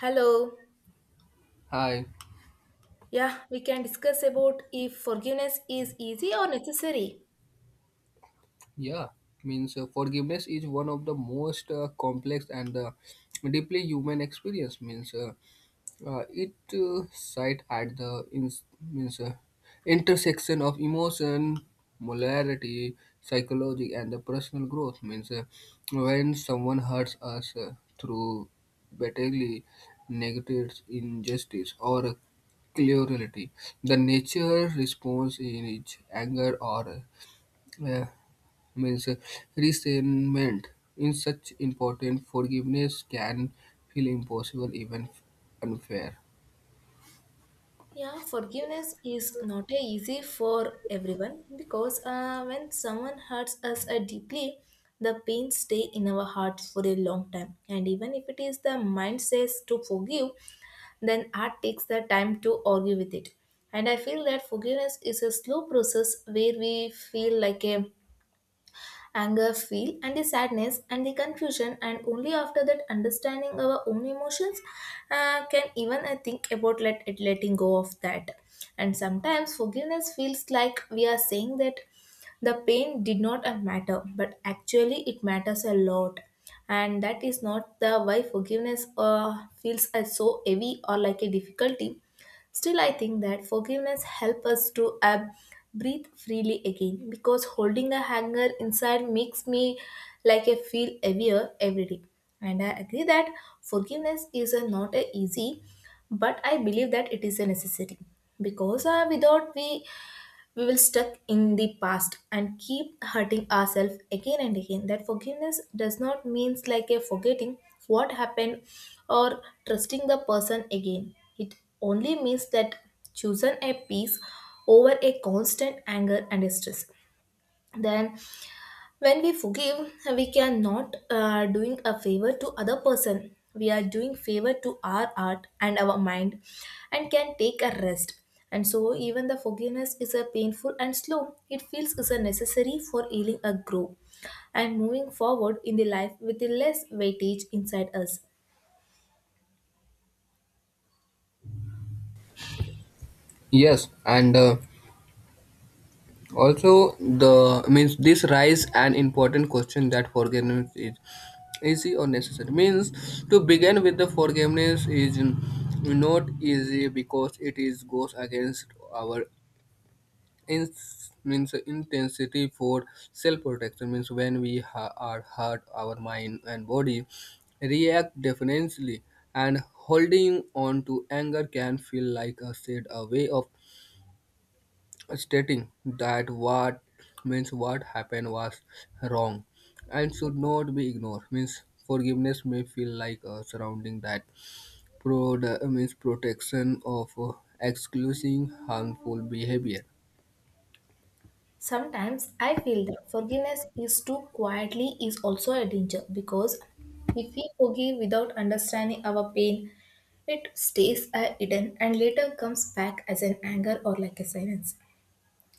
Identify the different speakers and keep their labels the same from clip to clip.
Speaker 1: Hello.
Speaker 2: Hi.
Speaker 1: Yeah, we can discuss about if forgiveness is easy or necessary.
Speaker 2: Yeah, means forgiveness is one of the most complex and deeply human experience. Means it sits at the in, means intersection of emotion, molarity, psychology, and the personal growth. Means When someone hurts us through badly negative injustice or cruelty, the nature response in each anger or uh, means resentment in such important forgiveness can feel impossible, even unfair.
Speaker 1: Yeah, forgiveness is not a easy for everyone because when someone hurts us deeply, the pain stay in our hearts for a long time. And even if it is the mind says to forgive, then art takes the time to argue with it. And I feel that forgiveness is a slow process where we feel like a anger feel and the sadness and the confusion, and only after that understanding our own emotions can even I think about let it letting go of that. And sometimes forgiveness feels like we are saying that the pain did not matter, but actually it matters a lot, and that is not the why forgiveness feels as so heavy or like a difficulty. Still, I think that forgiveness helps us to breathe freely again, because holding a hanger inside makes me like I feel heavier every day. And I agree that forgiveness is a, not a easy, but I believe that it is a necessary because without we will stuck in the past and keep hurting ourselves again and again. That forgiveness does not means like a forgetting what happened or trusting the person again. It only means that choosing a peace over a constant anger and stress. Then when we forgive we cannot doing a favor to other person, we are doing favor to our heart and our mind and can take a rest. And so even the forgiveness is a painful and slow, it feels is a necessary for healing a grow and moving forward in the life with the less weightage inside us.
Speaker 2: Yes, and also the means this rise an important question that forgiveness is easy or necessary. Means to begin with the forgiveness is not easy because it is goes against our Ins means intensity for self-protection. Means when are hurt, our mind and body react defensively, and holding on to anger can feel like a said a way of stating that what happened was wrong and should not be ignored. Means forgiveness may feel like a surrounding that pro protection of excluding harmful behavior.
Speaker 1: Sometimes I feel that forgiveness is too quietly is also a danger, because if we forgive without understanding our pain, it stays a hidden and later comes back as an anger or like a silence.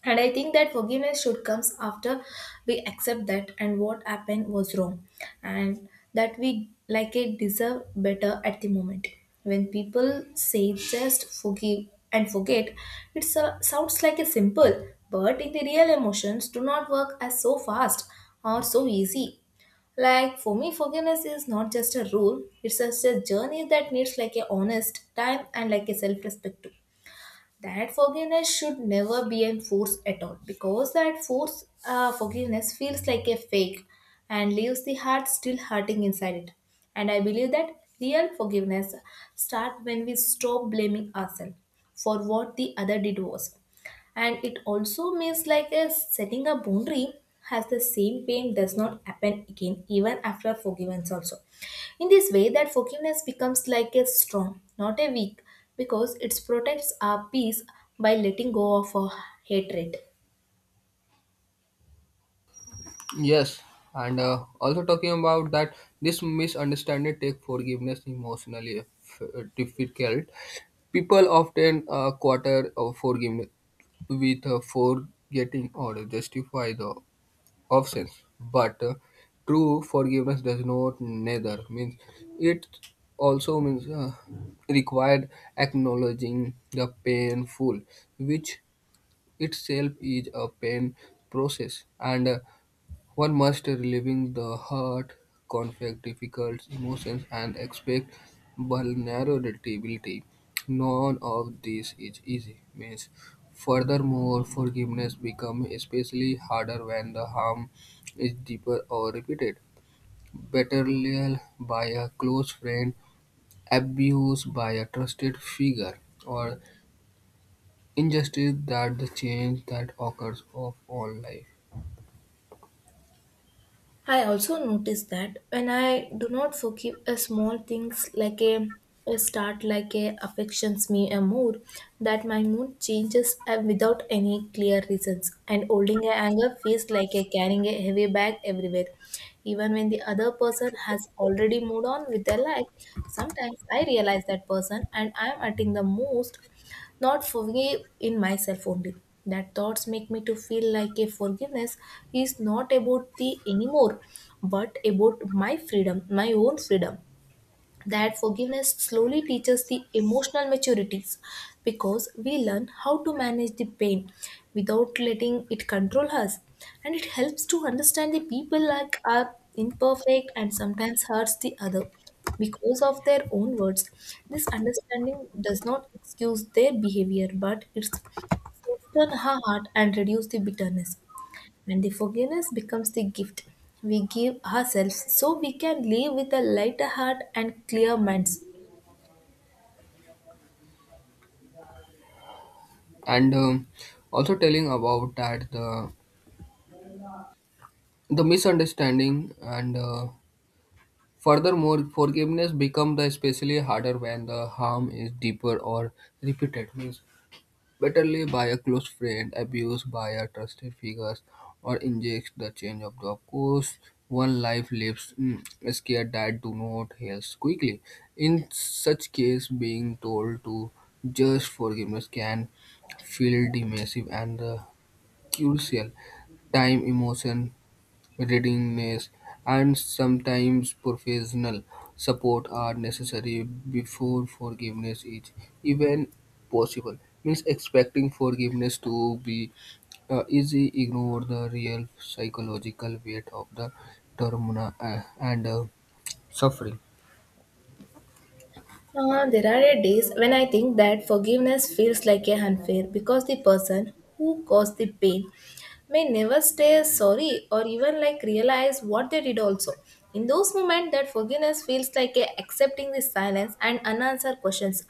Speaker 1: And I think that forgiveness should comes after we accept that and what happened was wrong, and that we like it deserve better at the moment. When people say just forgive and forget, it sounds like a simple, but in the real emotions do not work as so fast or so easy. Like for me, forgiveness is not just a rule, it's just a journey that needs like a honest time and like a self-respect too. That forgiveness should never be enforced at all, because that forced forgiveness feels like a fake and leaves the heart still hurting inside it. And I believe that real forgiveness starts when we stop blaming ourselves for what the other did was, and it also means like a setting a boundary has the same pain does not happen again even after forgiveness also. In this way that forgiveness becomes like a strong, not a weak, because it protects our peace by letting go of our hatred.
Speaker 2: Yes, and also talking about that, this misunderstanding take forgiveness difficult. People often quarter of forgiveness with forgetting or justify the offense, but true forgiveness does not neither means it. Also means required acknowledging the painful, which itself is a pain process and. One must relieve the hurt, conflict, difficult emotions, and expect vulnerability. None of this is easy. Means, furthermore, forgiveness becomes especially harder when the harm is deeper or repeated. Betrayal by a close friend, abuse by a trusted figure, or injustice that the change that occurs of all life.
Speaker 1: I also notice that when I do not forgive a small things like a start like a affections me a mood, that my mood changes without any clear reasons, and holding a anger feels like a carrying a heavy bag everywhere, even when the other person has already moved on with their life. Sometimes I realize that person and I am acting the most not forgive in myself only. That thoughts make me to feel like a forgiveness is not about the anymore, but about my freedom, my own freedom. That forgiveness slowly teaches the emotional maturities, because we learn how to manage the pain without letting it control us, and it helps to understand the people like are imperfect and sometimes hurts the other because of their own words. This understanding does not excuse their behavior, but it's soften her heart and reduce the bitterness, and the forgiveness becomes the gift we give ourselves so we can live with a lighter heart and clear minds.
Speaker 2: And also telling about that the misunderstanding and furthermore forgiveness become the especially harder when the harm is deeper or repeated. Means bitterly by a close friend, abused by a trusted figures, or injects the change of the of course one life lives. Scared that do not heal quickly. In such case being told to just forgiveness can feel dismissive and crucial time emotion readiness, and sometimes professional support are necessary before forgiveness is even possible. Means expecting forgiveness to be easy ignore the real psychological weight of the trauma and suffering.
Speaker 1: There are a days when I think that forgiveness feels like a unfair, because the person who caused the pain may never stay sorry or even like realize what they did also. In those moments that forgiveness feels like a accepting the silence and unanswered questions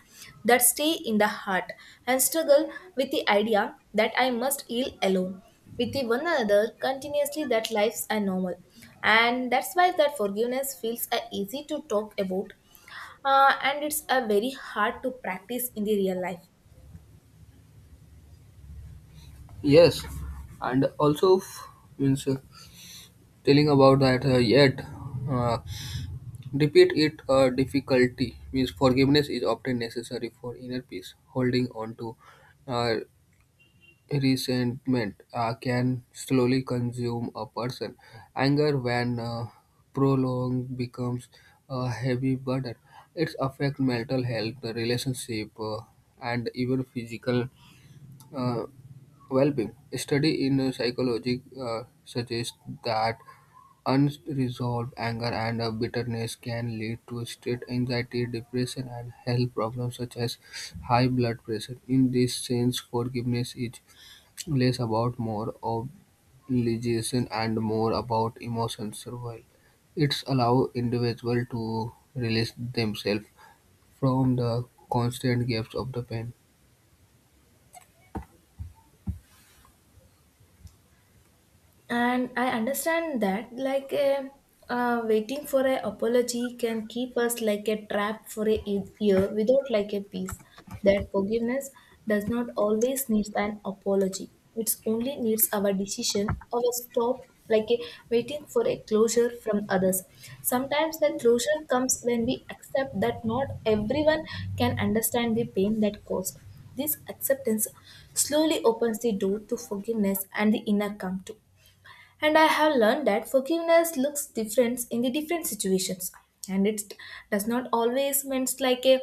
Speaker 1: that stay in the heart, and struggle with the idea that I must heal alone with the one another continuously that lives are normal. And that's why that forgiveness feels easy to talk about and it's a very hard to practice in the real life.
Speaker 2: Yes, and also f- means. Telling about that yet uh, repeat it difficulty. Means forgiveness is often necessary for inner peace. Holding on to uh, resentment can slowly consume a person. Anger when prolonged becomes a heavy burden. It affects mental health, the relationship and even physical uh, well-being. A study in psychology suggests that unresolved anger and bitterness can lead to state anxiety, depression, and health problems such as high blood pressure. In this sense, forgiveness is less about more obligation and more about emotional survival. It's allow individual to release themselves from the constant gaps of the pain.
Speaker 1: And I understand that like a waiting for a apology can keep us like a trap for a year without like a peace. That forgiveness does not always needs an apology, it's only needs our decision or a stop like a waiting for a closure from others. Sometimes the closure comes when we accept that not everyone can understand the pain that caused. This acceptance slowly opens the door to forgiveness and the inner calm too. And I have learned that forgiveness looks different in the different situations. And it does not always means like a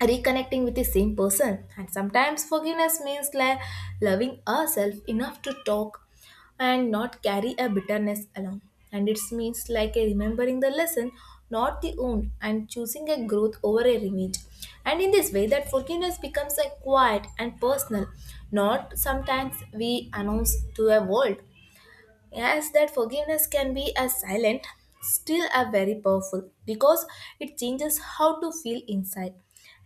Speaker 1: reconnecting with the same person. And sometimes forgiveness means like loving ourselves enough to talk and not carry a bitterness along. And it means like a remembering the lesson, not the wound, and choosing a growth over a revenge. And in this way, that forgiveness becomes a quiet and personal, not sometimes we announce to a world. Yes, that forgiveness can be a silent, still a very powerful, because it changes how to feel inside.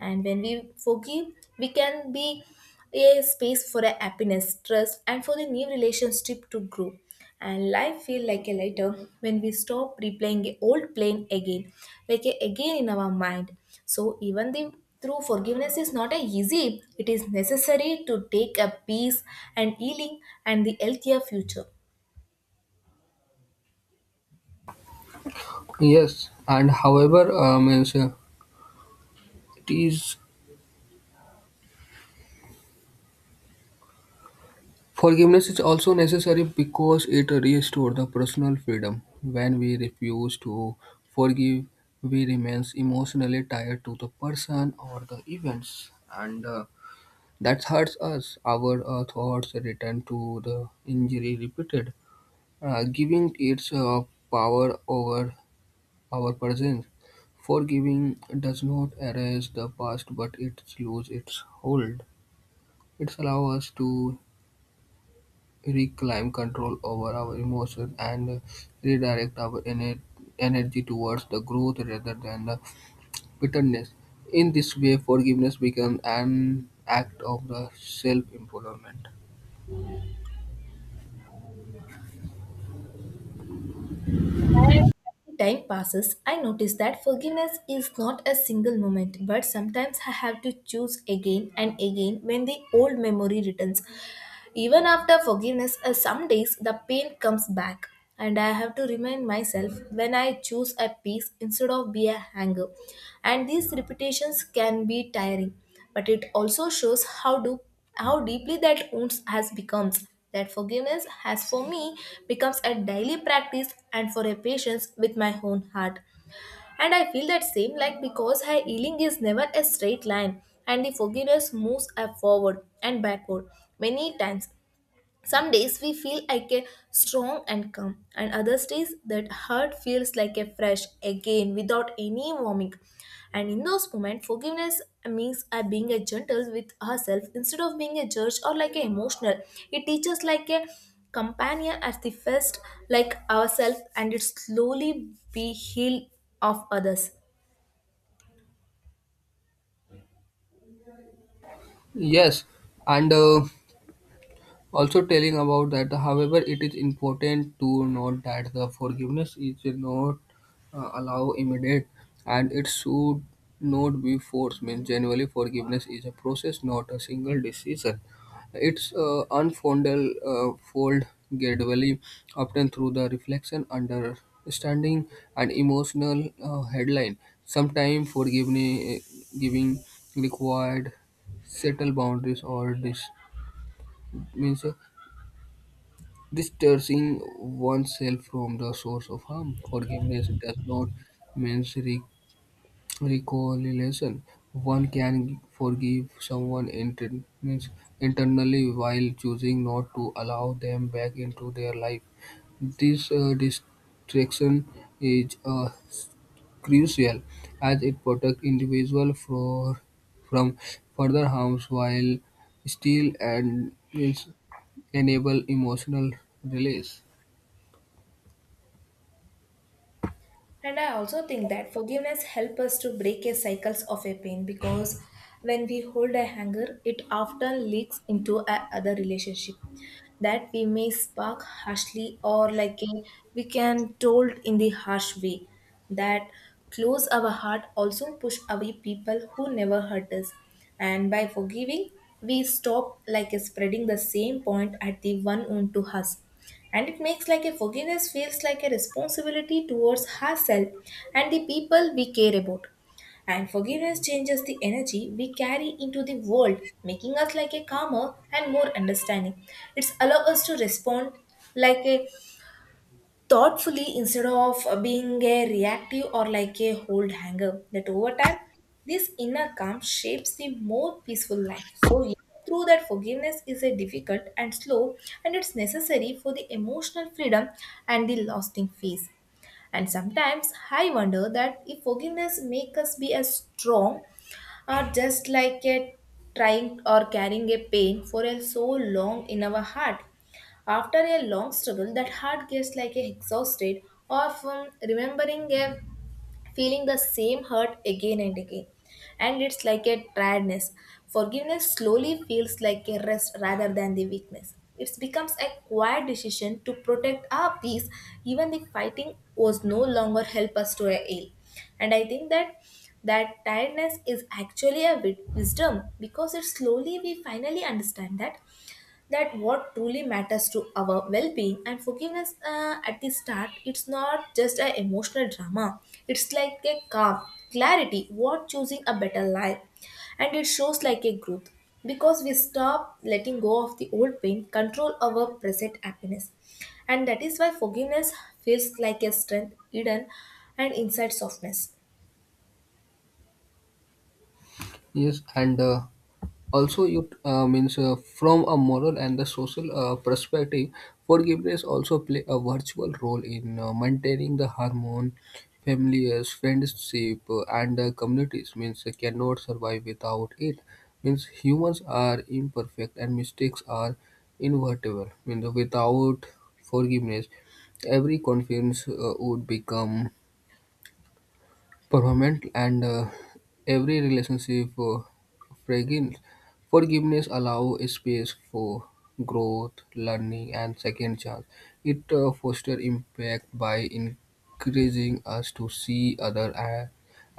Speaker 1: And when we forgive, we can be a space for a happiness, trust, and for the new relationship to grow. And life feel like a lighter when we stop replaying a old plane again, like a again in our mind. So even the through forgiveness is not a easy, it is necessary to take a peace and healing and the healthier future.
Speaker 2: Yes, and however, means it is forgiveness is also necessary because it restores the personal freedom. When we refuse to forgive, we remains emotionally tied to the person or the events, and that hurts us. Our thoughts return to the injury repeated, giving its power over our presence. Forgiving does not erase the past, but it loses its hold. It allows us to reclaim control over our emotions and redirect energy towards the growth rather than the bitterness. In this way, forgiveness becomes an act of the self-improvement.
Speaker 1: And as the time passes, I notice that forgiveness is not a single moment, but sometimes I have to choose again and again when the old memory returns. Even after forgiveness, some days the pain comes back, and I have to remind myself when I choose a peace instead of be a hanger. And these repetitions can be tiring, but it also shows how deeply that wounds has becomes. That forgiveness has for me becomes a daily practice and for a patience with my own heart. And I feel that same like because her healing is never a straight line, and the forgiveness moves up forward and backward many times. Some days we feel like a strong and calm, and other days that hurt feels like a fresh again without any warming. And in those moments, forgiveness means being a gentle with ourselves instead of being a judge or like a emotional. It teaches like a companion at the first, like ourselves, and it slowly be healed of others.
Speaker 2: Yes, and also telling about that however it is important to note that the forgiveness is not allow immediate and it should not be forced. Means generally forgiveness is a process, not a single decision. It's unfolded fold gradually often through the reflection understanding and emotional headline. Sometimes forgiveness giving required settle boundaries or this means distancing oneself from the source of harm. Forgiveness does not mean re- reconciliation. One can forgive someone inter- means internally while choosing not to allow them back into their life. This distraction is crucial as it protects individual for, from further harms while still and means enable emotional release.
Speaker 1: And I also think that forgiveness helps us to break a cycles of a pain, because when we hold a anger, it often leaks into a other relationship that we may spark harshly or like a, we can told in the harsh way that close our heart also push away people who never hurt us. And by forgiving, we stop like spreading the same point at the one on to us, and it makes like a forgiveness feels like a responsibility towards herself and the people we care about. And forgiveness changes the energy we carry into the world, making us like a calmer and more understanding. It's allow us to respond like a thoughtfully instead of being a reactive or like a hold hanger that over time this inner calm shapes the more peaceful life. So yeah, through that forgiveness is a difficult and slow, and it's necessary for the emotional freedom and the lasting peace. And sometimes I wonder that if forgiveness make us be as strong or just like a trying or carrying a pain for a so long in our heart. After a long struggle, that heart gets like a exhausted, often remembering a feeling the same hurt again and again. And it's like a tiredness. Forgiveness slowly feels like a rest rather than the weakness. It becomes a quiet decision to protect our peace, even the fighting was no longer help us to a ail. And I think that tiredness is actually a wisdom, because it slowly we finally understand that what truly matters to our well-being. And forgiveness at the start it's not just an emotional drama, it's like a calm clarity what choosing a better life. And it shows like a growth, because we stop letting go of the old pain control our present happiness. And that is why forgiveness feels like a strength hidden and inside softness.
Speaker 2: Yes, and also you means from a moral and the social perspective, forgiveness also play a virtual role in maintaining the harmony, families, friendship, and communities. Means they cannot survive without it. Means humans are imperfect and mistakes are inevitable. Means without forgiveness, every confidence would become permanent and every relationship fragile. Forgiveness allows space for growth, learning, and second chance. It fosters impact by encouraging us to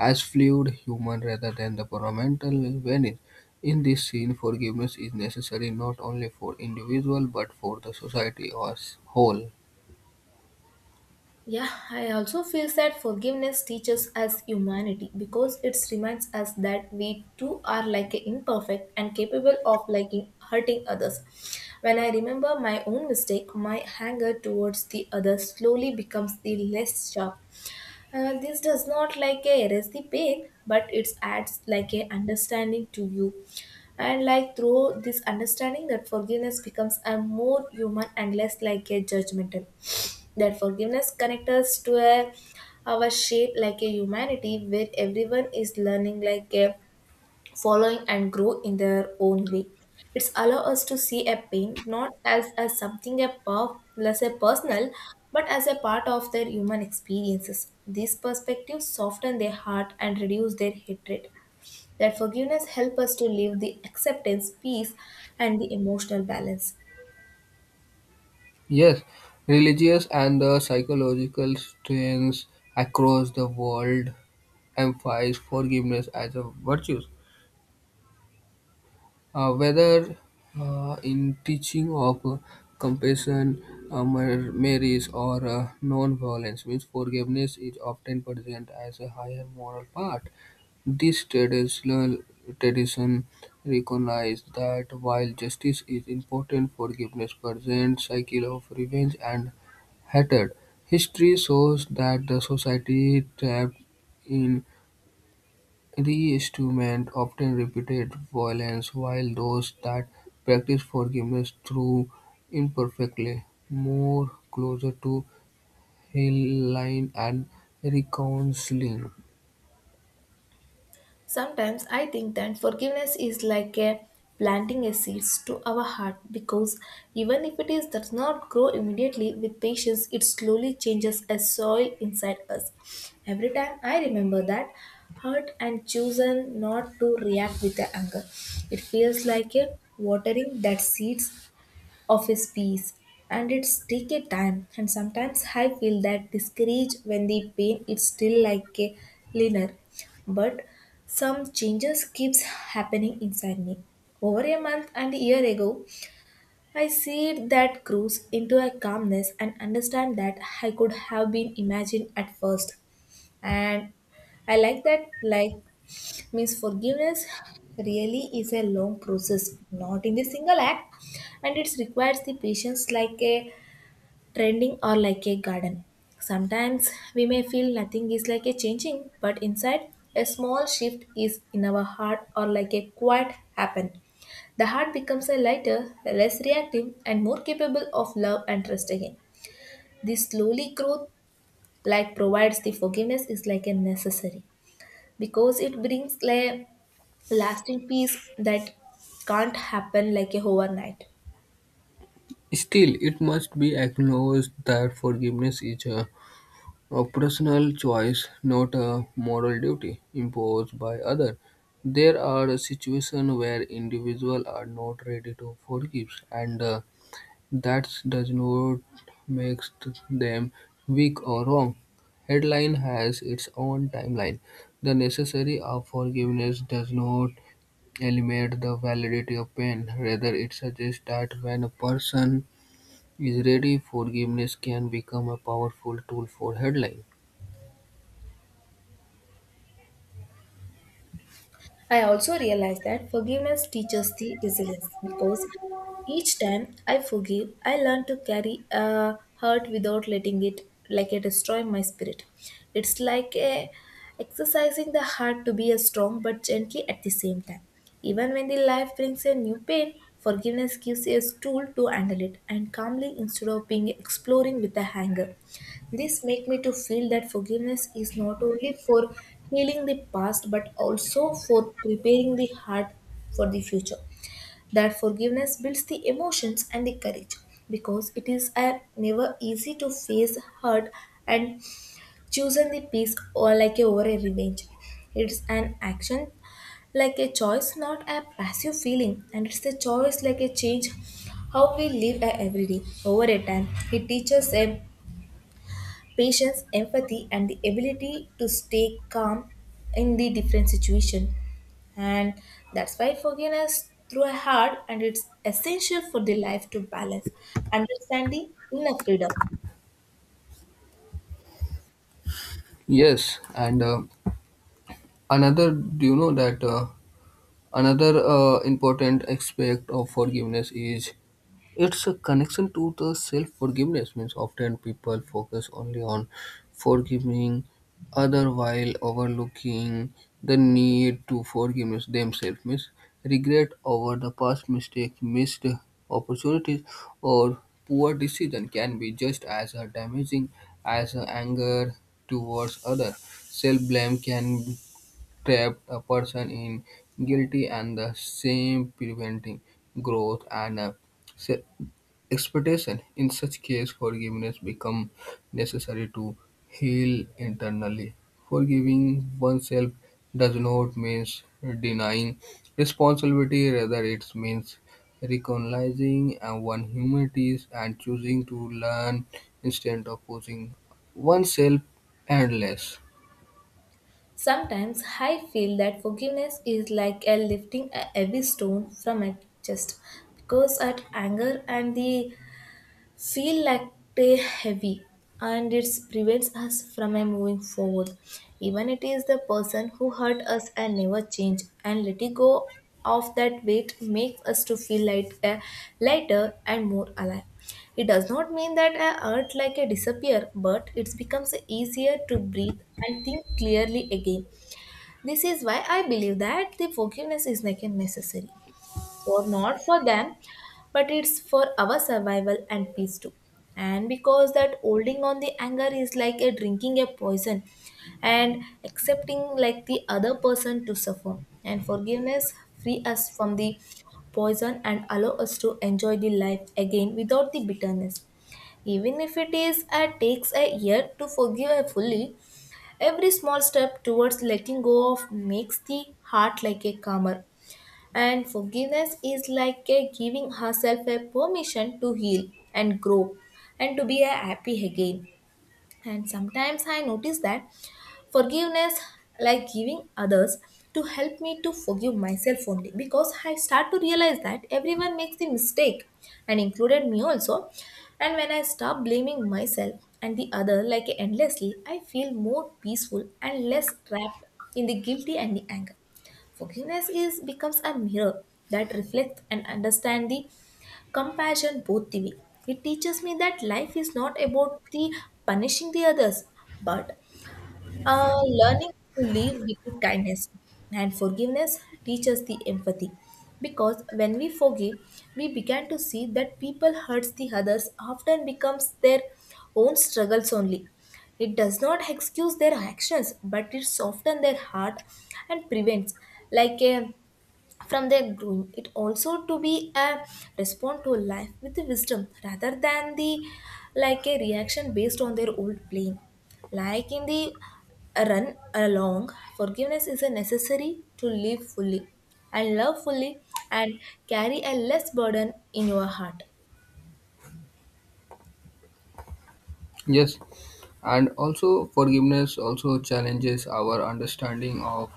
Speaker 2: as fluid human rather than the fundamental vanish. In this scene, forgiveness is necessary not only for individual but for the society as whole.
Speaker 1: Yeah, I also feel that forgiveness teaches us humanity, because it reminds us that we too are like imperfect and capable of liking hurting others. When I remember my own mistake, my anger towards the others slowly becomes the less sharp. This does not like a erase the pain, but it adds like a understanding to you. And like through this understanding that forgiveness becomes a more human and less like a judgmental. That forgiveness connects us to a our shape like a humanity where everyone is learning like a following and grow in their own way. It's allow us to see a pain not as, something a per, less a personal, but as a part of their human experiences. These perspectives soften their heart and reduce their hatred. That forgiveness help us to live the acceptance, peace, and the emotional balance.
Speaker 2: Yes, religious and the psychological strains across the world emphasize forgiveness as a virtue, whether in teaching of compassion, merits, or non-violence. Means forgiveness is often present as a higher moral part. This tradition recognizes that while justice is important, forgiveness presents cycle of revenge and hatred. History shows that the society trapped in the instrument often repeated violence, while those that practice forgiveness through imperfectly more closer to healing and reconciling.
Speaker 1: Sometimes I think that forgiveness is like a planting a seeds to our heart because even if it is does not grow immediately, with patience it slowly changes as soil inside us. Every time I remember that hurt and chosen not to react with the anger, it feels like a watering that seeds of his piece, and it's take a time. And sometimes I feel that discouraged when the pain is still like a linear, but some changes keeps happening inside me over a month and a year ago. I see that grows into a calmness and understand that I could have been imagined at first. And I like that, like, means forgiveness really is a long process, not in the single act, and it requires the patience like a trending or like a garden. Sometimes we may feel nothing is like a changing, but inside a small shift is in our heart, or like a quiet happen. The heart becomes a lighter, less reactive, and more capable of love and trust again. This slowly growth, like provides the forgiveness, is like a necessary because it brings like lasting peace that can't happen like a overnight.
Speaker 2: Still, it must be acknowledged that forgiveness is a personal choice, not a moral duty imposed by others. There are situations where individuals are not ready to forgive, and the that does not make them weak or wrong. Headline has its own timeline. The necessity of forgiveness does not eliminate the validity of pain. Rather, it suggests that when a person is ready, forgiveness can become a powerful tool for headline.
Speaker 1: I also realize that forgiveness teaches the resilience because each time I forgive, I learn to carry a hurt without letting it like it destroy my spirit. It's like a exercising the heart to be a strong but gently at the same time. Even when the life brings a new pain, forgiveness gives us a tool to handle it and calmly instead of being exploring with a anger. This make me to feel that forgiveness is not only for healing the past but also for preparing the heart for the future. That forgiveness builds the emotions and the courage because it is a never easy to face hurt and choosing the peace or like a over a revenge. It's an action, like a choice, not a passive feeling, and it's a choice like a change how we live a every day over a time. It teaches a patience, empathy, and the ability to stay calm in the different situation. And that's why forgiveness through a heart and it's essential for the life to balance understanding inner freedom.
Speaker 2: Yes, and another, do you know that another important aspect of forgiveness is it's a connection to the self-forgiveness. Means often people focus only on forgiving other while overlooking the need to forgive themselves. Means regret over the past mistake, missed opportunities or poor decision can be just as a damaging as a anger towards other. Self-blame can trap a person in guilty and the same preventing growth and uh, expectation. In such case, forgiveness becomes necessary to heal internally. Forgiving oneself does not mean denying responsibility. Rather, it means recognizing one's humanities and choosing to learn instead of pushing oneself endless.
Speaker 1: Sometimes I feel that forgiveness is like a lifting a heavy stone from my chest, because at anger and the feel lactate heavy, and it prevents us from moving forward even it is the person who hurt us and never change. And letting go of that weight makes us to feel light, lighter and more alive. It does not mean that I hurt like a disappear, but it becomes easier to breathe and think clearly again. This is why I believe that the forgiveness is like a necessary for not for them, but it's for our survival and peace too. And because that holding on the anger is like a drinking a poison and accepting like the other person to suffer, and forgiveness free us from the poison and allow us to enjoy the life again without the bitterness. Even if it is takes a year to forgive her fully, every small step towards letting go of makes the heart like a calmer, and forgiveness is like a giving herself a permission to heal and grow and to be a happy again. And sometimes I notice that forgiveness, like giving others, to help me to forgive myself only because I start to realize that everyone makes the mistake, and included me also. And when I stop blaming myself and the other like endlessly, I feel more peaceful and less trapped in the guilty and the anger. Forgiveness is becomes a mirror that reflects and understands the compassion both the way. It teaches me that life is not about the punishing the others, but learning to live with kindness. And forgiveness teaches the empathy because when we forgive, we begin to see that people hurts the others often becomes their own struggles only. It does not excuse their actions, but it softens their heart and prevents like a from their growing it, also to be a respond to life with wisdom rather than the like a reaction based on their old blame. Like in the run along, forgiveness is a necessary to live fully and love fully and carry a less burden in your heart.
Speaker 2: Yes, and also forgiveness also challenges our understanding of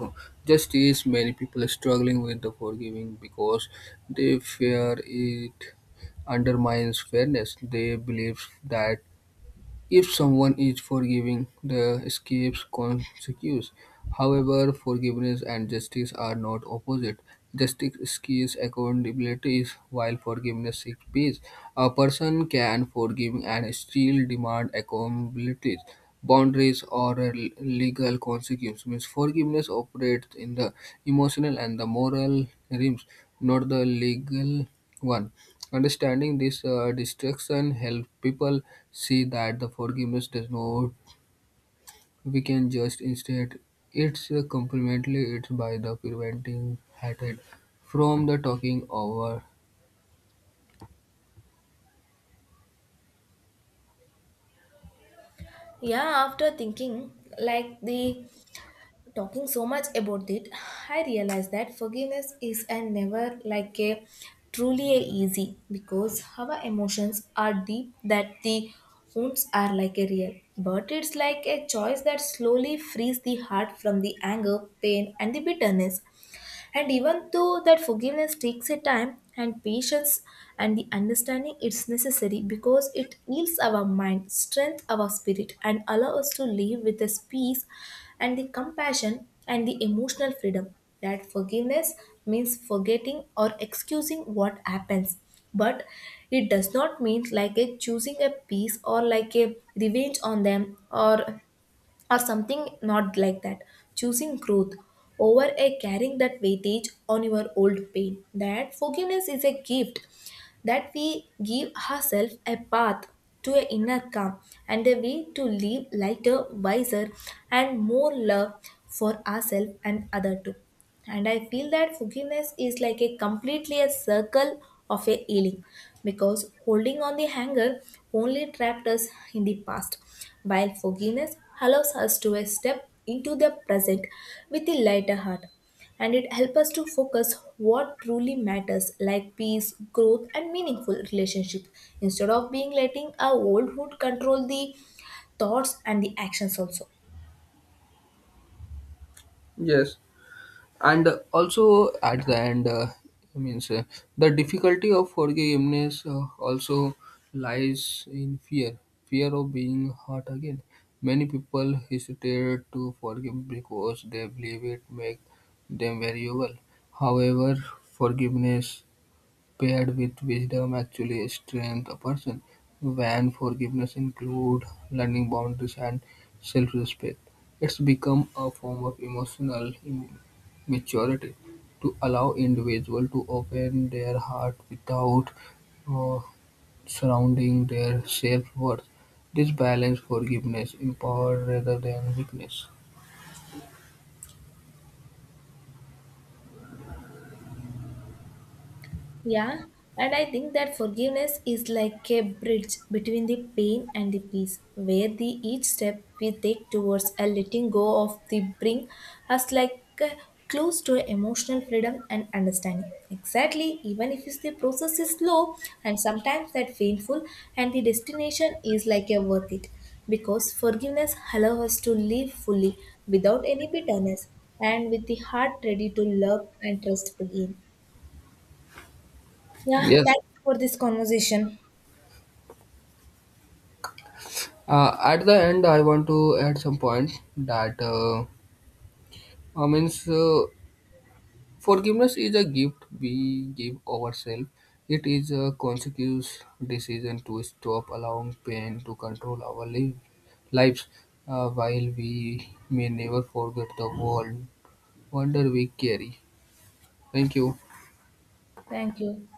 Speaker 2: justice. Many people are struggling with the forgiving because they fear it undermines fairness. They believe that if someone is forgiving, the escapes consequences. However, forgiveness and justice are not opposite. Justice seeks accountability, while forgiveness seeks peace. A person can forgive and still demand accountability, boundaries, or legal consequences. Means forgiveness operates in the emotional and the moral realms, not the legal one. Understanding this distinction helps people see that the forgiveness does not, we can just instead, it's complementary it's by the preventing hatred from the talking over.
Speaker 1: Yeah, after thinking like the talking so much about it, I realized that forgiveness is and never like a truly a easy because our emotions are deep, that the wounds are like a real. But it's like a choice that slowly frees the heart from the anger, pain, and the bitterness. And even though that forgiveness takes a time and patience and the understanding, it's necessary because it heals our mind, strength our spirit, and allows us to live with this peace and the compassion and the emotional freedom. That forgiveness means forgetting or excusing what happens. But it does not mean like a choosing a peace or like a revenge on them, or something not like that. Choosing growth over a carrying that weightage on your old pain. That forgiveness is a gift that we give ourselves, a path to an inner calm and a way to live lighter, wiser, and more love for ourselves and other too. And I feel that forgiveness is like a completely a circle of a healing, because holding on the hanger only trapped us in the past, while forgiveness allows us to step into the present with a lighter heart. And it helps us to focus what truly matters like peace, growth, and meaningful relationships, instead of being letting our old wood control the thoughts and the actions also.
Speaker 2: Yes, and also at the end means the difficulty of forgiveness also lies in fear, fear of being hurt again. Many people hesitate to forgive because they believe it makes them valuable. However, forgiveness paired with wisdom actually strengthen a person, when forgiveness includes learning boundaries and self-respect. It's become a form of maturity to allow individuals to open their heart without uh, surrounding their self-worth. This balance forgiveness empower rather than weakness.
Speaker 1: Yeah, and I think that forgiveness is like a bridge between the pain and the peace, where the each step we take towards a letting go of the bring us like close to emotional freedom and understanding. Exactly, even if it's the process is slow and sometimes that painful, and the destination is like a worth it, because forgiveness allows us to live fully without any bitterness and with the heart ready to love and trust again. Yeah,
Speaker 2: Yes.
Speaker 1: thanks for this conversation.
Speaker 2: At the end, I want to add some points that means forgiveness is a gift we give ourselves. It is a conscious decision to stop allowing pain to control lives. While we may never forget the world, wonder we carry. Thank you.
Speaker 1: Thank you.